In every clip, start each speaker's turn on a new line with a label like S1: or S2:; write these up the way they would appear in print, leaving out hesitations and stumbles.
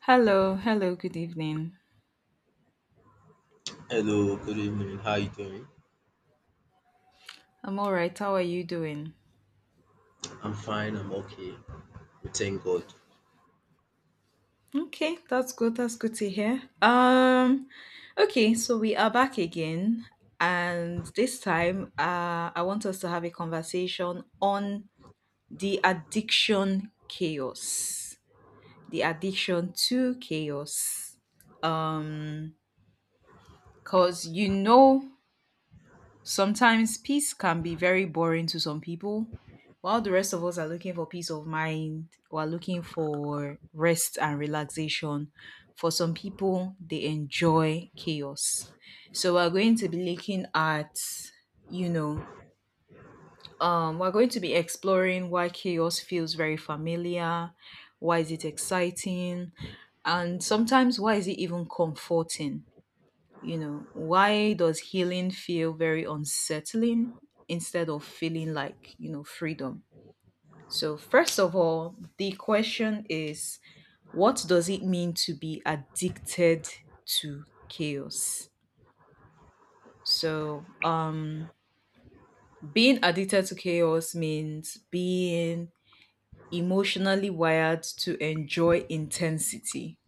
S1: Hello, hello, good evening.
S2: Hello, good evening. How you doing?
S1: I'm all right. How are you doing?
S2: I'm fine. I'm okay. We thank God.
S1: Okay, that's good. That's good to hear. Okay, so we are back again, and this time, I want us to have a conversation on the addiction chaos, the addiction to chaos. Um, 'Cause sometimes peace can be very boring to some people, while the rest of us are looking for peace of mind, we're looking for rest and relaxation. For some people, they enjoy chaos. So we're going to be looking at, you know, we're going to be exploring why chaos feels very familiar, why is it exciting, and sometimes why is it even comforting, you know, why does healing feel very unsettling instead of feeling like, freedom? So, first of all, the question is, what does it mean to be addicted to chaos? So, being addicted to chaos means being emotionally wired to enjoy intensity.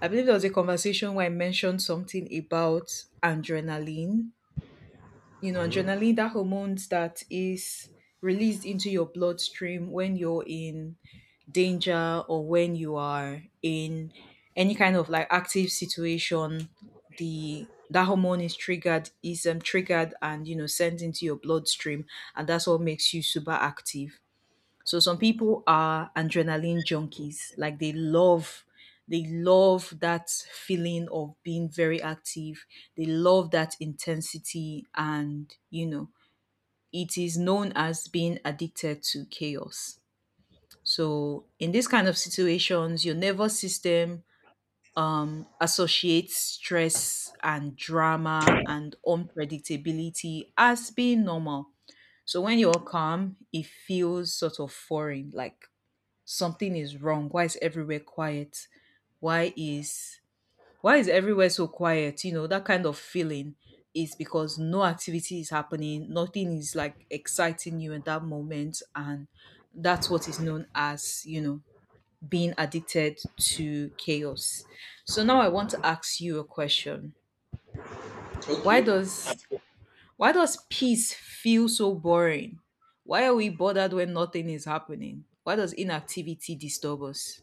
S1: I believe there was a conversation where I mentioned something about adrenaline. You know, adrenaline,
S2: Mhm.
S1: that hormones that is released into your bloodstream when you're in danger or when you are in any kind of like active situation, the that hormone is triggered and, you know, sent into your bloodstream, and that's what makes you super active. So some people are adrenaline junkies. Like, they love that feeling of being very active. They love that intensity, and, you know, it is known as being addicted to chaos. So in this kind of situations, your nervous system associates stress and drama and unpredictability as being normal. So when you're calm, it feels sort of foreign, like something is wrong. Why is everywhere quiet? Why is why is everywhere so quiet? You know, that kind of feeling is because no activity is happening, nothing is like exciting you in that moment, and that's what is known as, being addicted to chaos. So now I want to ask you a question. Why
S2: Okay.
S1: does why does peace feel so boring? Why are we bothered when nothing is happening? Why does inactivity disturb us?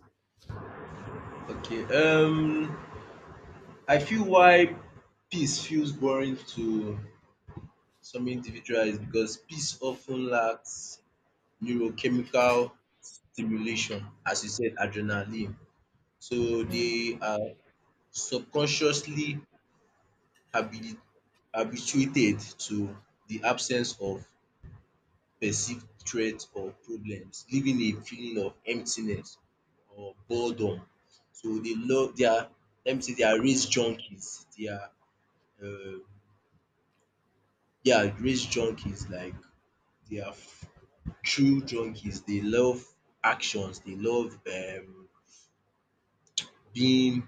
S2: Okay. I feel why peace feels boring to some individuals is because peace often lacks neurochemical stimulation, as you said, adrenaline. So
S1: Hmm.
S2: they are subconsciously habi- habituated to the absence of perceived threat or problems, leaving a feeling of emptiness or boredom. So they are, let me say, they are race junkies. They are um yeah, race junkies, like they are f- true junkies. They love actions. They love being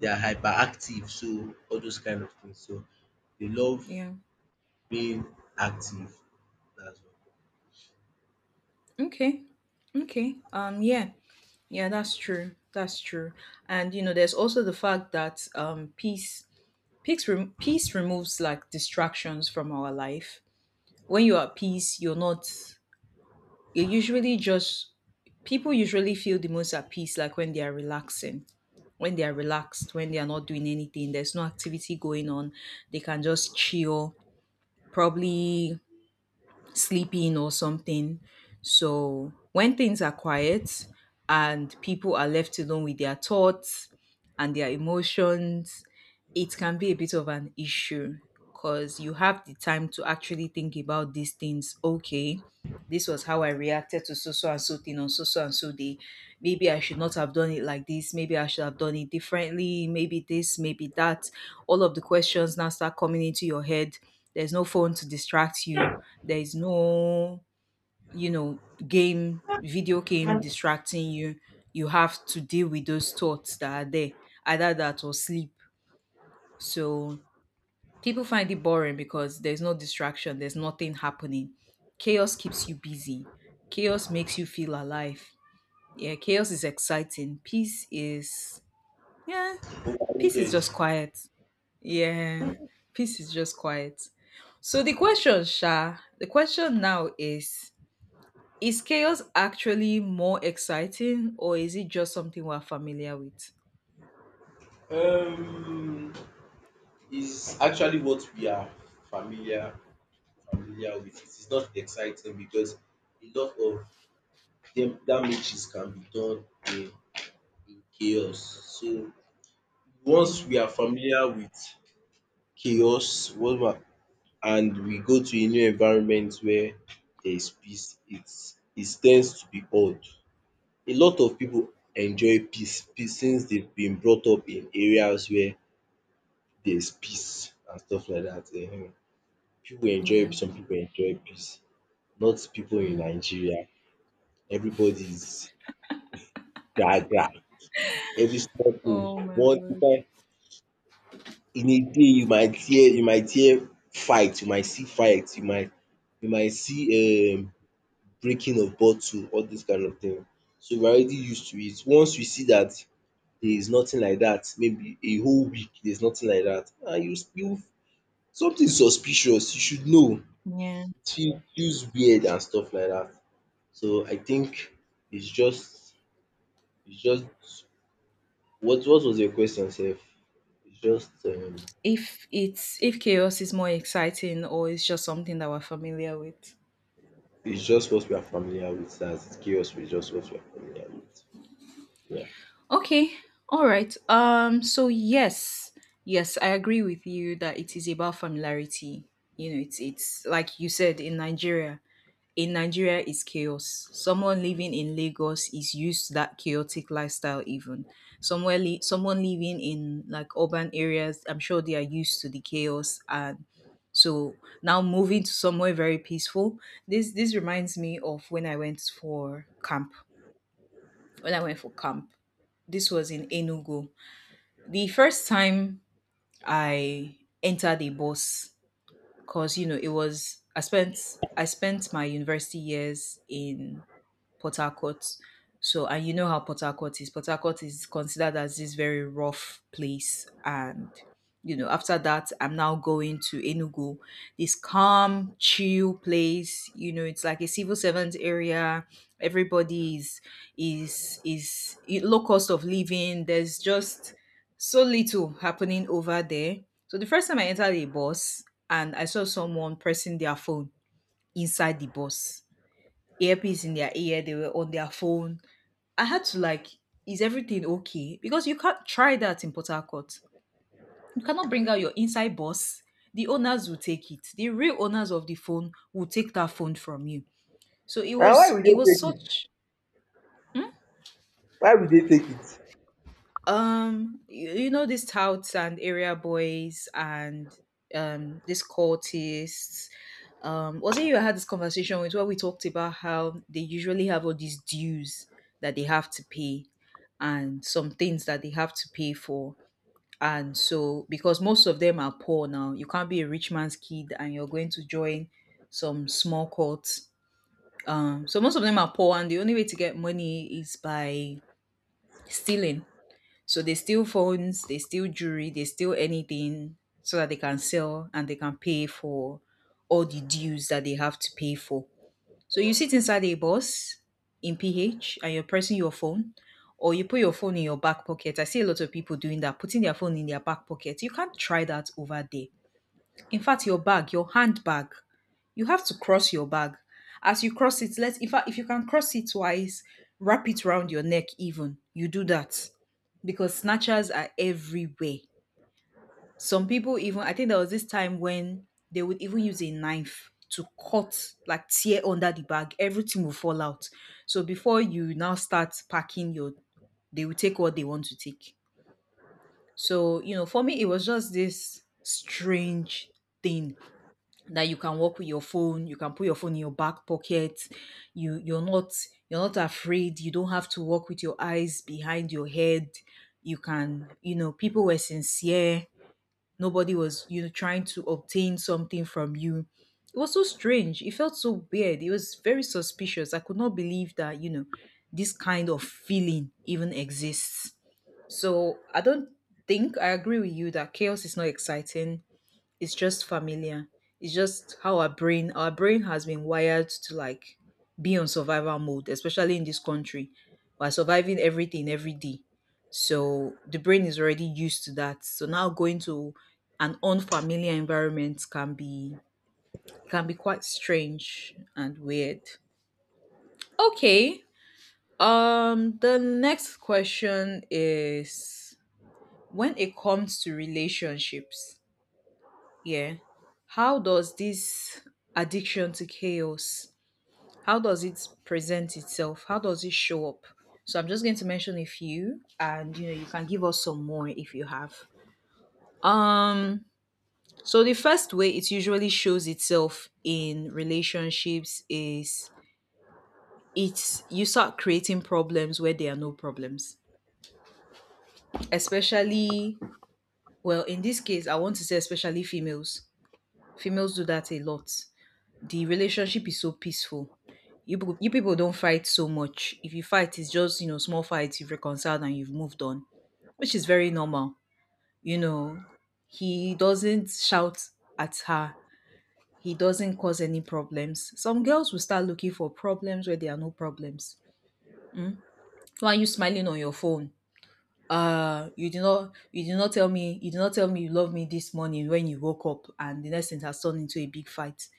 S2: they are hyperactive. So all those kind of things. So they love
S1: Yeah.
S2: being active. That's
S1: Okay. Okay. Yeah. Yeah, that's true. That's true. And you know, there's also the fact that peace removes like distractions from our life. When you're at peace, you're not, you're usually just people usually feel the most at peace, like when they are relaxing. When they are relaxed, when they are not doing anything, there's no activity going on, they can just chill, probably sleeping or something. So when things are quiet and people are left alone with their thoughts and their emotions, it can be a bit of an issue, because you have the time to actually think about these things. Okay, this was how I reacted to so so and so thing on so so and so day. Maybe I should not have done it like this. Maybe I should have done it differently. Maybe this, maybe that. All of the questions now start coming into your head. There's no phone to distract you, there is no, you know, game, video game
S2: all.
S1: distracting you. You have to deal with those thoughts that are there, either that or sleep. So people find it boring because there's no distraction, there's nothing happening. Chaos keeps you busy, chaos makes you feel alive. Yeah, chaos is exciting. Peace is, yeah, peace is just
S2: Over
S1: quiet. Yeah, peace is just quiet. So the question, Sha, the question now is chaos actually more exciting, or is it just something we're familiar with?
S2: Um, is actually what we are familiar familiar with. It is not exciting because a lot of dem damages can be done in chaos. So once we
S1: Mm,
S2: are familiar with chaos whatever and we go to a new environment where there is peace, it tends to be odd. A lot of people enjoy peace since they've been brought up in areas where there's peace and stuff like that. um. People enjoy,
S1: yeah.
S2: some people enjoy peace, not people in
S1: Mm.
S2: Nigeria. Everybody's is gra gra. Every small thing
S1: Oh my
S2: one
S1: god.
S2: time, in a day you might hear fight, you might see fight, you might see breaking of bottle, all this kind of thing. So we are already used to it. Once we see that there is nothing like that, maybe a whole week there is nothing like that, ah, you something suspicious you should know.
S1: Yeah.
S2: It feels weird and stuff like that. So I think it's just it's just what was your question sef? It's just um
S1: If it's, if chaos is more exciting or it's just something that we're familiar with.
S2: it's just what we are familiar with, as it's chaos is just what we are familiar with. Yeah.
S1: Okay. All right. So yes. Yes, I agree with you that it is about familiarity. You know, it's like you said, in Nigeria, in Nigeria is chaos. Someone living in Lagos is used to that chaotic lifestyle even. Someone living in like urban areas, I'm sure they are used to the chaos, and so now moving to somewhere very peaceful. This reminds me of when I went for camp. When I went for camp, this was in Enugu. The first time I entered a bus, 'cause you know, it was, I spent my university years in Port Harcourt. So, and you know how Port Harcourt is. Port Harcourt is considered as this very rough place. And, you know, after that, I'm now going to Enugu, this calm, chill place. You know, it's like a civil servant area. Everybody is, is, is low cost of living. There's just so little happening over there. So, the first time I entered a bus and I saw someone pressing their phone inside the bus, earpiece in their ear, they were on their phone. I had to like, is everything okay? Because you can't try that in Port Harcourt. You cannot bring out your inside boss. The owners will take it. The real owners of the phone will take that phone from you. So it
S2: And why
S1: was,
S2: we dey
S1: it was
S2: take it?
S1: such. Hmm?
S2: Why we dey take it?
S1: You, know these touts and area boys and these cultists. Was it you I had this conversation with where we talked about how they usually have all these dues that they have to pay and some things that they have to pay for. And so because most of them are poor now, you can't be a rich man's kid and you're going to join some small cult. So most of them are poor and the only way to get money is by stealing, so they steal phones, they steal jewelry, they steal anything so that they can sell and they can pay for all the dues that they have to pay for. So you sit inside a bus in PH and you're pressing your phone or you put your phone in your back pocket. I see a lot of people doing that, putting their phone in their back pocket. You can't try that over there. In fact, your bag, your handbag, you have to cross your bag, as you cross it, let, in fact, if you can cross it twice, wrap it around your neck even, you do that, because snatchers are everywhere. Some people even, I think there was this time when they would even use a knife to cut, like tear under the bag, everything will fall out, so before you now start packing your, they will take what they want to take. So you know, for me it was just this strange thing, that you can work with your phone, you can put your phone in your back pocket, you, you're not afraid, you don't have to work with your eyes behind your head, you can, you know, people were sincere, nobody was, you know, trying to obtain something from you. It was so strange, it felt so weird, it was very suspicious, I could not believe that, you know, this kind of feeling even exists. So I don't think I agree with you that chaos is not exciting, it's just familiar. It's just how our brain, our brain has been wired to like be on survival mode, especially in this country. We're surviving everything every day. So the brain is already used to that. So now going to an unfamiliar environment can be, can be quite strange and weird. Okay. The next question is, when it comes to relationships. Yeah. How does this addiction to chaos, how does it present itself? How does it show up? So I'm just going to mention a few, and you know you can give us some more if you have. Um so the first way it usually shows itself in relationships is, it's you start creating problems where there are no problems. Especially, well in this case I want to say especially females. Females do that a lot. The relationship is so peaceful. You, you people don't fight so much. If you fight, it's just, you know, small fights, you've reconciled and you've moved on, which is very normal. You know, he doesn't shout at her, he doesn't cause any problems. Some girls will start looking for problems where there are no problems. Why are you smiling on your phone? You did not, you did not tell me you love me this morning when you woke up, and the next thing has turned into a big fight.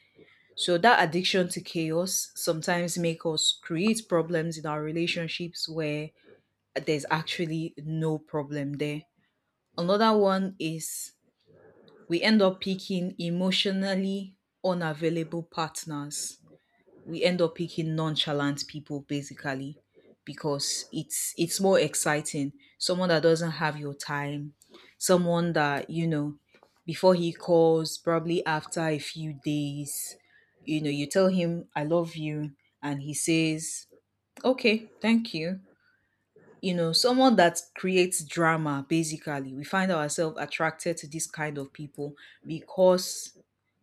S1: So that addiction to chaos sometimes make us create problems in our relationships where there's actually no problem there. Another one is, we end up picking emotionally unavailable partners, we end up picking nonchalant people basically, because it's more exciting. Someone that doesn't have your time, someone that, before he calls, probably after a few days, you tell him I love you, and he says, okay, thank you. Someone that creates drama, basically. We find ourselves attracted to this kind of people because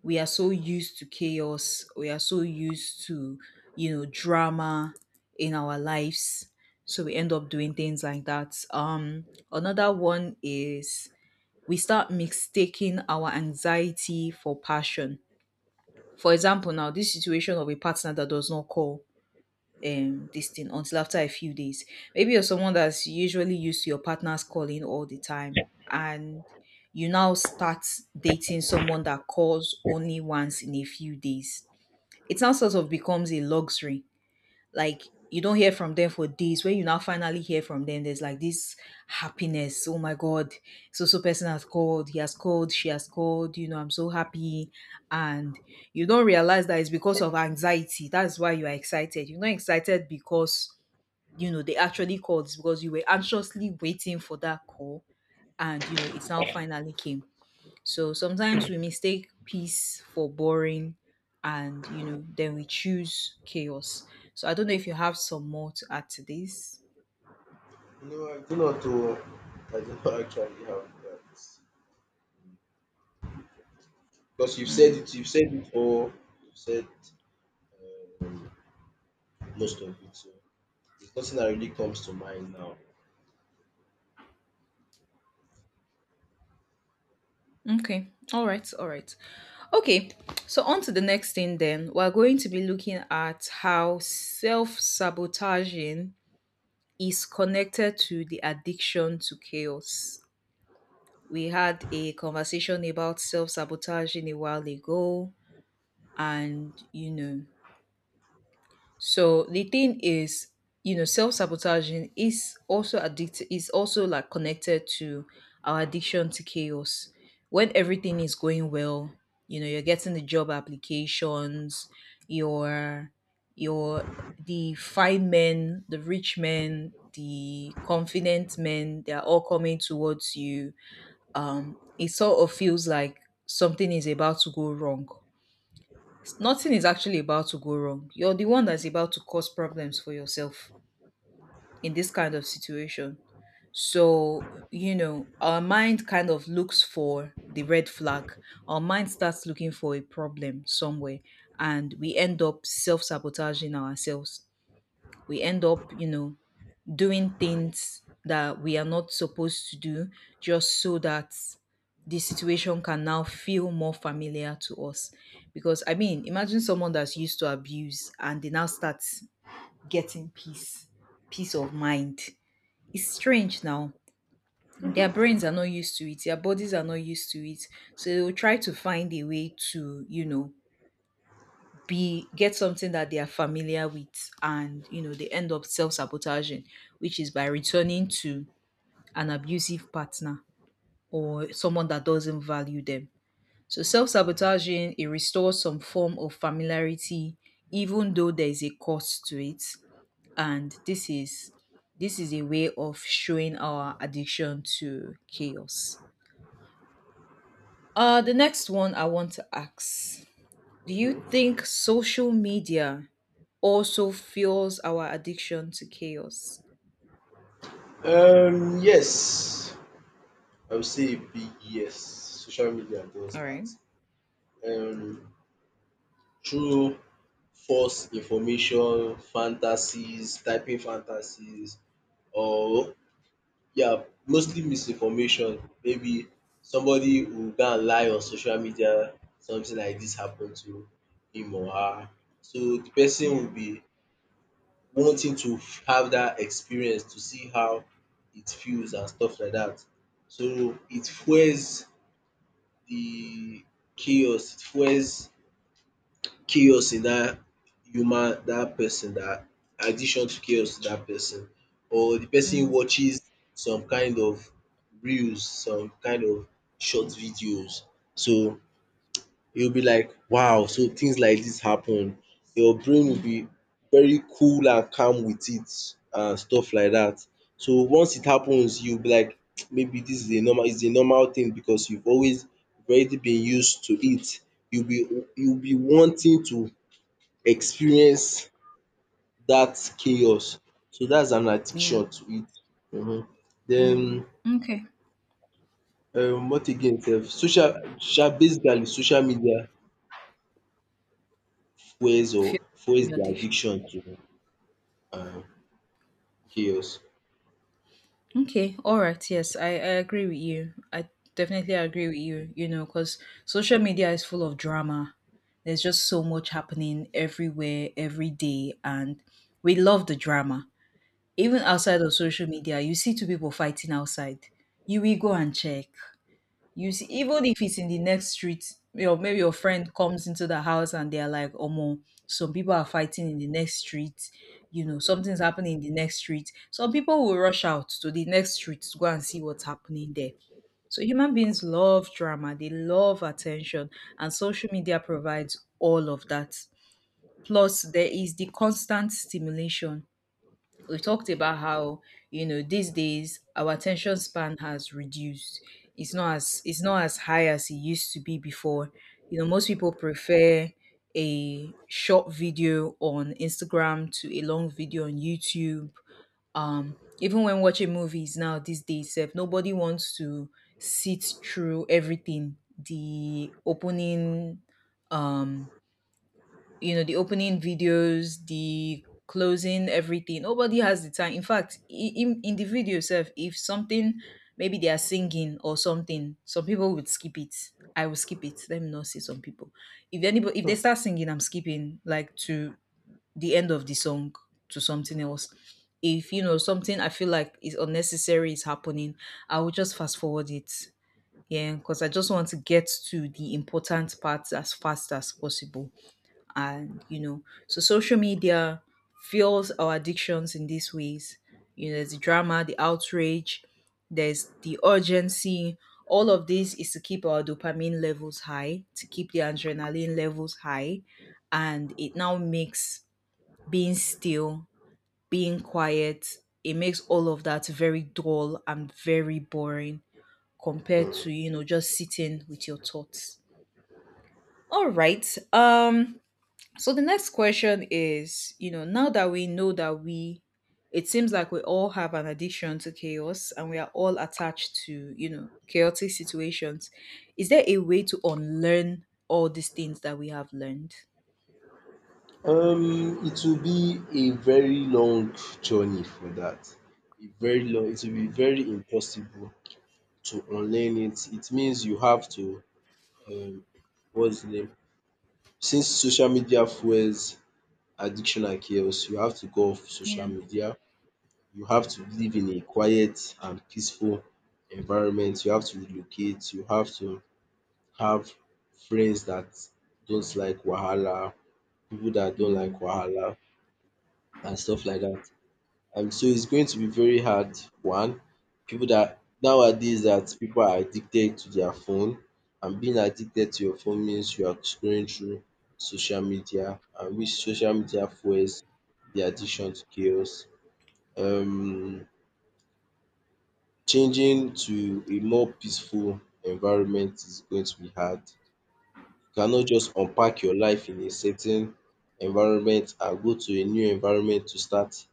S1: we are so used to chaos, we are so used to, drama in our lives. So we end up doing things like that. Another one is we start mistaking our anxiety for passion. For example, now this situation of a partner that does not call this thing until after a few days. Maybe you're someone that's usually used to your partner's calling all the time and you now start dating someone that calls only once in a few days. It now sort of becomes a luxury, like you don't hear from them for days. When you now finally hear from them, there's like this happiness. Oh my God, so so person has called, he has called, she has called, I'm so happy. And you don't realize that it's because of anxiety. That's why you are excited. You're not excited because they actually called; it's because you were anxiously waiting for that call, and it's now finally came. So sometimes we mistake peace for boring, and then we choose chaos. So I don't know if you have some more to add to this.
S2: No, I do not know. I do not actually have that. Because
S1: Hmm.
S2: you've said it all, you've said um, most of it. So there's nothing that really comes to mind now.
S1: Okay. All right. All right. Okay. So on to the next thing then. We're going to be looking at how self-sabotaging is connected to the addiction to chaos. We had a conversation about self-sabotaging a while ago and so the thing is, self sabotaging is also addicted. Is also like connected to our addiction to chaos. When everything is going well, you're getting the job applications, your your the fine men, the rich men, the confident men, they are all coming towards you. It sort of feels like something is about to go wrong. Nothing is actually about to go wrong. You're the one that's about to cause problems for yourself in this kind of situation. So, our mind kind of looks for the red flag. Our mind starts looking for a problem somewhere, and we end up self sabotaging ourselves. We end up, doing things that we are not supposed to do just so that the situation can now feel more familiar to us. Because, I mean, imagine someone that's used to abuse and they now start getting peace, peace of mind. It's strange now. Their brains are not used to it, their bodies are not used to it. So they will try to find a way to, be get something that they are familiar with, and they end up self-sabotaging, which is by returning to an abusive partner, or someone that doesn't value them. So self sabotaging, it restores some form of familiarity, even though there is a cost to it. And this is a way of showing our addiction to chaos. The next one I want to ask: do you think social media also fuels our addiction to chaos?
S2: Yes. I would say a big yes. Social media does
S1: All right.
S2: that. Um, through false information, fantasies, typing fantasies, or yeah, mostly misinformation. Maybe somebody will go and lie on social media, something like this happened to him or her. So the person will
S1: Yeah.
S2: be wanting to have that experience to see how it feels and stuff like that. So it fuels the chaos, it fuels chaos in dat human, dat person, dat addiction to chaos to dat person, or the person
S1: Mm,
S2: watches some kind of reels, some kind of short videos. So you'll be like, wow, so things like this happen. Your brain will
S1: mm,
S2: be very cool and calm with it and stuff like that. So once it happens, you'll be like, maybe this is a normal thing because you've already been used to it. You'll be wanting to experience that chaos. So that's an
S1: yeah.
S2: addiction to it. Mhm.
S1: Mm.
S2: Then
S1: Okay.
S2: what again sef? Social sha, basically social media fuels or
S1: Fear
S2: fuels
S1: the
S2: the
S1: audition.
S2: addiction to um chaos?
S1: Okay, all right. Yes, I agree with you. I definitely agree with you, because social media is full of drama. There's just so much happening everywhere, every day, and we love the drama. Even outside of social media, you see two people fighting outside. You will go and check. You see, even if it's in the next street, your maybe your friend comes into the house and they're like, "Omo, some people are fighting in the next street. You know, something's happening in the next street." Some people will rush out to the next street to go and see what's happening there. So human beings love drama. They love attention, and social media provides all of that. Plus, there is the constant stimulation. We talked about how these days our attention span has reduced. It's not as high as it used to be before. Most people prefer a short video on Instagram to a long video on YouTube. Even when watching movies now these days sef, nobody wants to sit through everything, the opening, um the opening videos, the closing, everything. Nobody has the time. In fact, in the video itself, if something, maybe they are singing or something, some people would skip it. I will skip it. Let me not say some people. If they start singing, I'm skipping, like, to the end of the song, to something else. If something I feel like is unnecessary is happening, I will just fast forward it. Yeah, because I just want to get to the important parts as fast as possible. And so social media fuels our addictions in these ways. There's the drama, the outrage, there's the urgency. All of this is to keep our dopamine levels high, to keep the adrenaline levels high. And it now makes being still, being quiet, it makes all of that very dull and very boring, compared
S2: Mm.
S1: to just sitting with your thoughts. All right. So the next question is, now that we know it seems like we all have an addiction to chaos, and we are all attached to, chaotic situations. Is there a way to unlearn all these things that we have learned?
S2: It will be a very long journey for that. A very long, it will be
S1: Mm.
S2: very impossible to unlearn it. It means you have to um what's the name? Since social media fuels addiction and chaos, you have to go off social
S1: Yeah.
S2: media. You have to live in a quiet and peaceful environment. You have to relocate. You have to have friends that don't like wahala, people that don't like
S1: Mm.
S2: wahala and stuff like that. And so it's going to be very hard. One, people that nowadays, that people are addicted to their phone, and being addicted to your phone means you are scrolling through social media, and which social media fuels the addiction to chaos. Um, changing to a more peaceful environment is going to be hard. You cannot just unpack your life in a certain environment and go to a new environment to start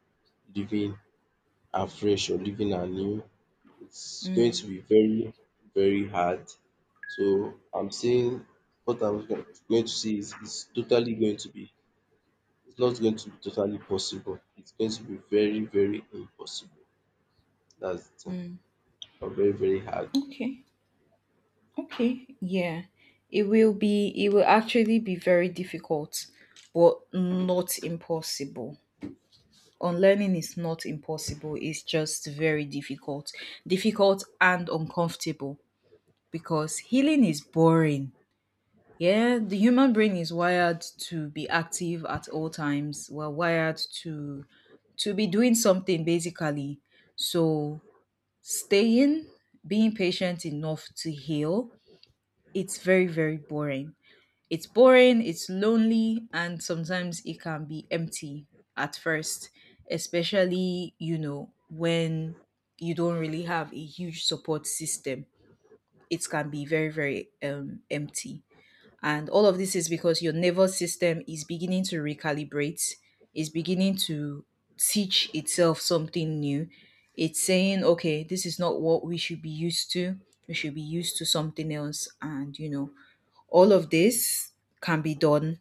S2: living afresh or living anew. It's going
S1: Mm.
S2: to be very, very hard. So I'm saying what going to say is it's totally going to be, it's not going to be totally possible. It's going to be very, very impossible. That's the thing.
S1: Mm.
S2: Or very, very hard.
S1: Okay. Okay. Yeah. It will actually be very difficult, but not impossible. Unlearning is not impossible, it's just very difficult, difficult and uncomfortable, because healing is boring. Yeah, the human brain is wired to be active at all times. We're wired to be doing something, basically. So staying being patient enough to heal, it's very, very boring. It's boring, it's lonely, and sometimes it can be empty at first, especially, when you don't really have a huge support system. It can be very, very empty. And all of this is because your nervous system is beginning to recalibrate, is beginning to teach itself something new. It's saying, okay, this is not what we should be used to. We should be used to something else. And, all of this can be done.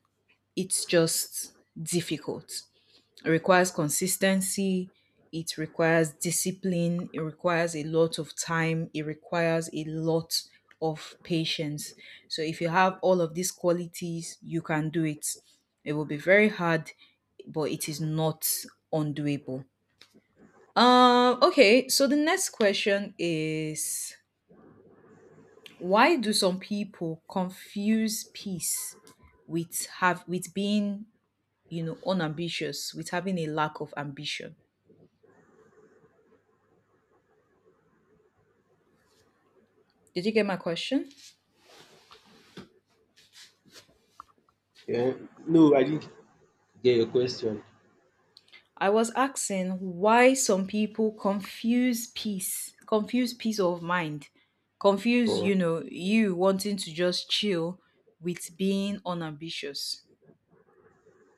S1: It's just difficult. It requires consistency. It requires discipline. It requires a lot of time. It requires a lot of patience. So, if you have all of these qualities, you can do it. It will be very hard, but it is not undoable. Okay, so the next question is, why do some people confuse peace with have with being, unambitious, with having a lack of ambition? Did you get my question?
S2: Yeah. No, I didn't get your question
S1: I was asking why some people confuse peace of mind, confuse,
S2: for
S1: you wanting to just chill with being unambitious.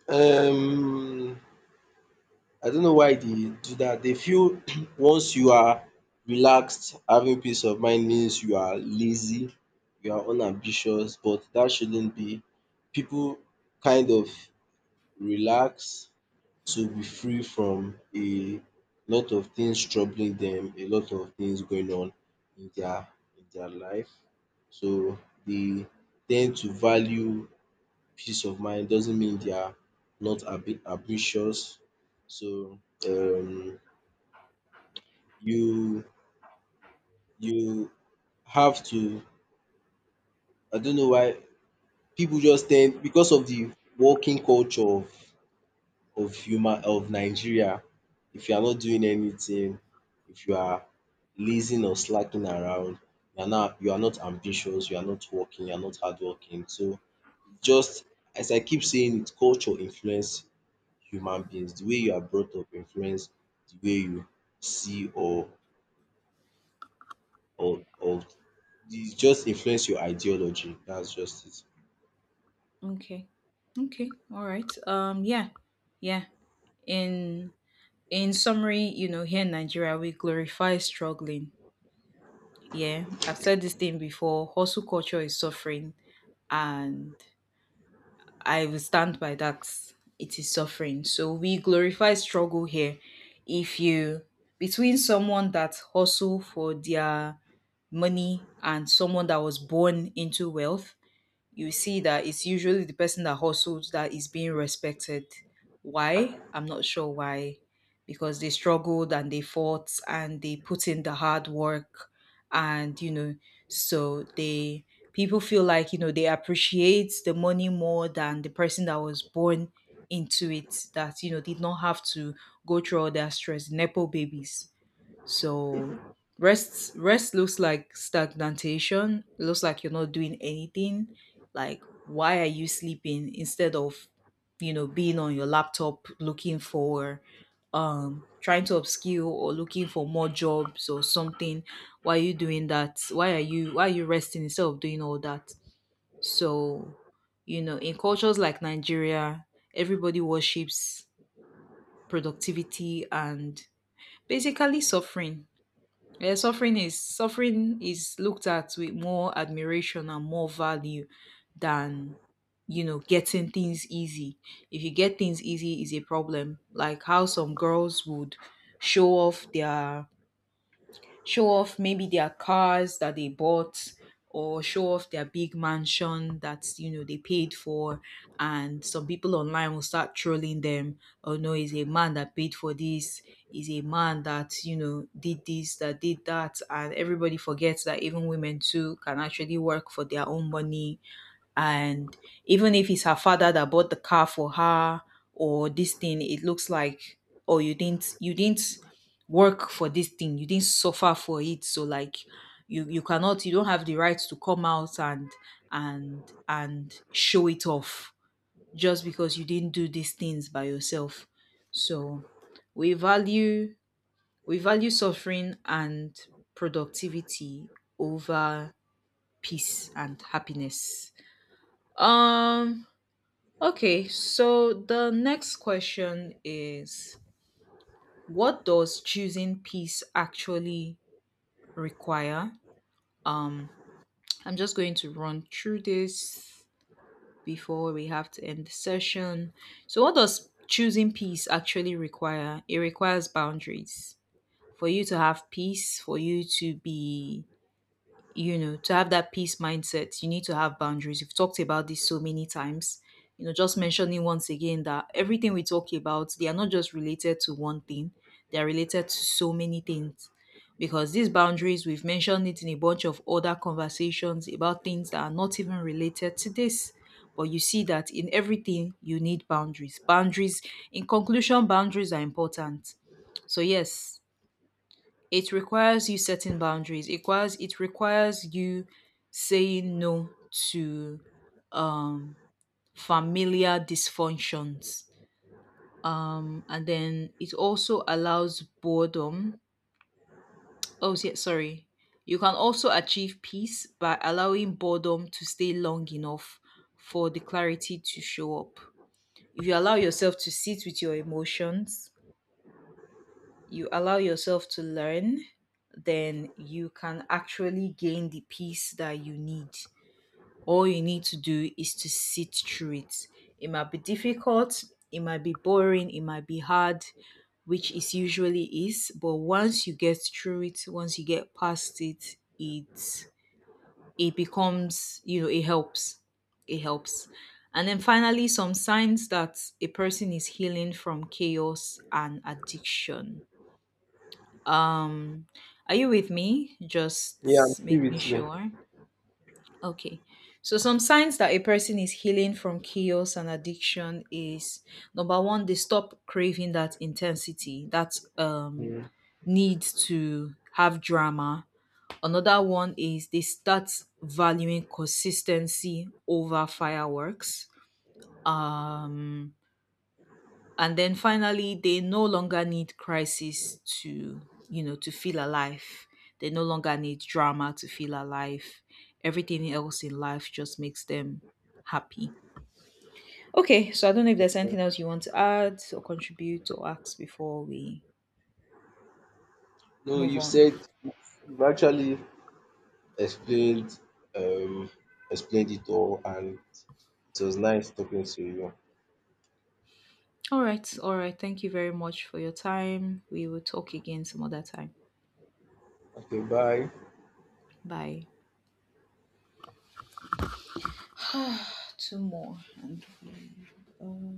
S2: um I don't know why they do that. They feel once you are relaxed, having peace of mind means you are lazy, you are unambitious, but that shouldn't be. People kind of relax to be free from a lot of things troubling them, a lot of things going on in their in their life. So they tend to value peace of mind doesn't mean they are not ambitious. So um, you you have to. I don't know why people just tend, because of the working culture of human of Nigeria. If you are not doing anything, if you are lazing or slacking around, you are not ambitious. You are not working. You are not hardworking. So just as I keep saying, it's culture influence human beings. The way you are brought up influence the way you see or or it just influence your ideology. That's just it.
S1: Okay. Okay. All right. Yeah. Yeah. In in summary, here in Nigeria we glorify struggling. Yeah, I've said this thing before. Hustle culture is suffering, and I will stand by that. It is suffering. So we glorify struggle here. If you Between someone that hustle for their money and someone that was born into wealth, you see that it's usually the person that hustles that is being respected. Why? I'm not sure why. Because they struggled and they fought and they put in the hard work, and so they people feel like, they appreciate the money more than the person that was born into it that, did not have to go through all that stress. Nepo babies. So rest looks like stagnation. It looks like you're not doing anything. Like, why are you sleeping instead of being on your laptop, looking for trying to upskill or looking for more jobs or something? Why are you doing that? Why are you resting instead of doing all that? So, in cultures like Nigeria, everybody worships productivity and basically suffering. Yeah, suffering is looked at with more admiration and more value than, getting things easy. If you get things easy is a problem. Like how some girls would show off their show off maybe their cars that they bought, or show off their big mansion that they paid for, and some people online will start trolling them. Oh no, he's a man that paid for this, he's a man that did this, that did that. And everybody forgets that even women too can actually work for their own money. And even if it's her father that bought the car for her or this thing, it looks like, oh, you didn't work for this thing, you didn't suffer for it. So like, you don't have the right to come out and show it off, just because you didn't do these things by yourself. So we value we value suffering and productivity over peace and happiness. um Okay, so the next question is, what does choosing peace actually require? Um I'm just going to run through this before we have to end the session. So what does choosing peace actually require? It requires boundaries. For you to have peace, for you to be you know, to have that peace mindset, you need to have boundaries. We've talked about this so many times. Just mentioning once again that everything we talk about, they are not just related to one thing, they are related to so many things. Because these boundaries, we've mentioned it in a bunch of other conversations about things that are not even related to this. But you see that in everything, you need boundaries. Boundaries, in conclusion, boundaries are important. So, yes, it requires you setting boundaries. It requires you saying no to um familiar dysfunctions. And then it also allows boredom. Oh yeah, sorry. You can also achieve peace by allowing boredom to stay long enough for the clarity to show up. If you allow yourself to sit with your emotions, you allow yourself to learn, then you can actually gain the peace that you need. All you need to do is to sit through it. It might be difficult, it might be boring, it might be hard, which it usually is, but once you get through it, once you get past it, it it becomes, it helps. It helps. And then finally, some signs that a person is healing from chaos and addiction. Um, are you with me?
S2: Yeah, I'm
S1: Just
S2: still
S1: making
S2: with you.
S1: sure. Okay. So some signs that a person is healing from chaos and addiction is, number one, they stop craving that intensity, that
S2: Mm.
S1: need to have drama. Another one is they start valuing consistency over fireworks. Um and then finally, they no longer need crisis to, to feel alive. They no longer need drama to feel alive. Everything else in life just makes them happy. Okay, so I don't know if there's anything else you want to add or contribute or ask before we
S2: No,
S1: move
S2: you've
S1: on.
S2: said, you've actually explained um explained it all, and it was nice talking to you.
S1: All right, all right, thank you very much for your time. We will talk again some other time.
S2: Okay, bye.
S1: Bye. Two more, and um,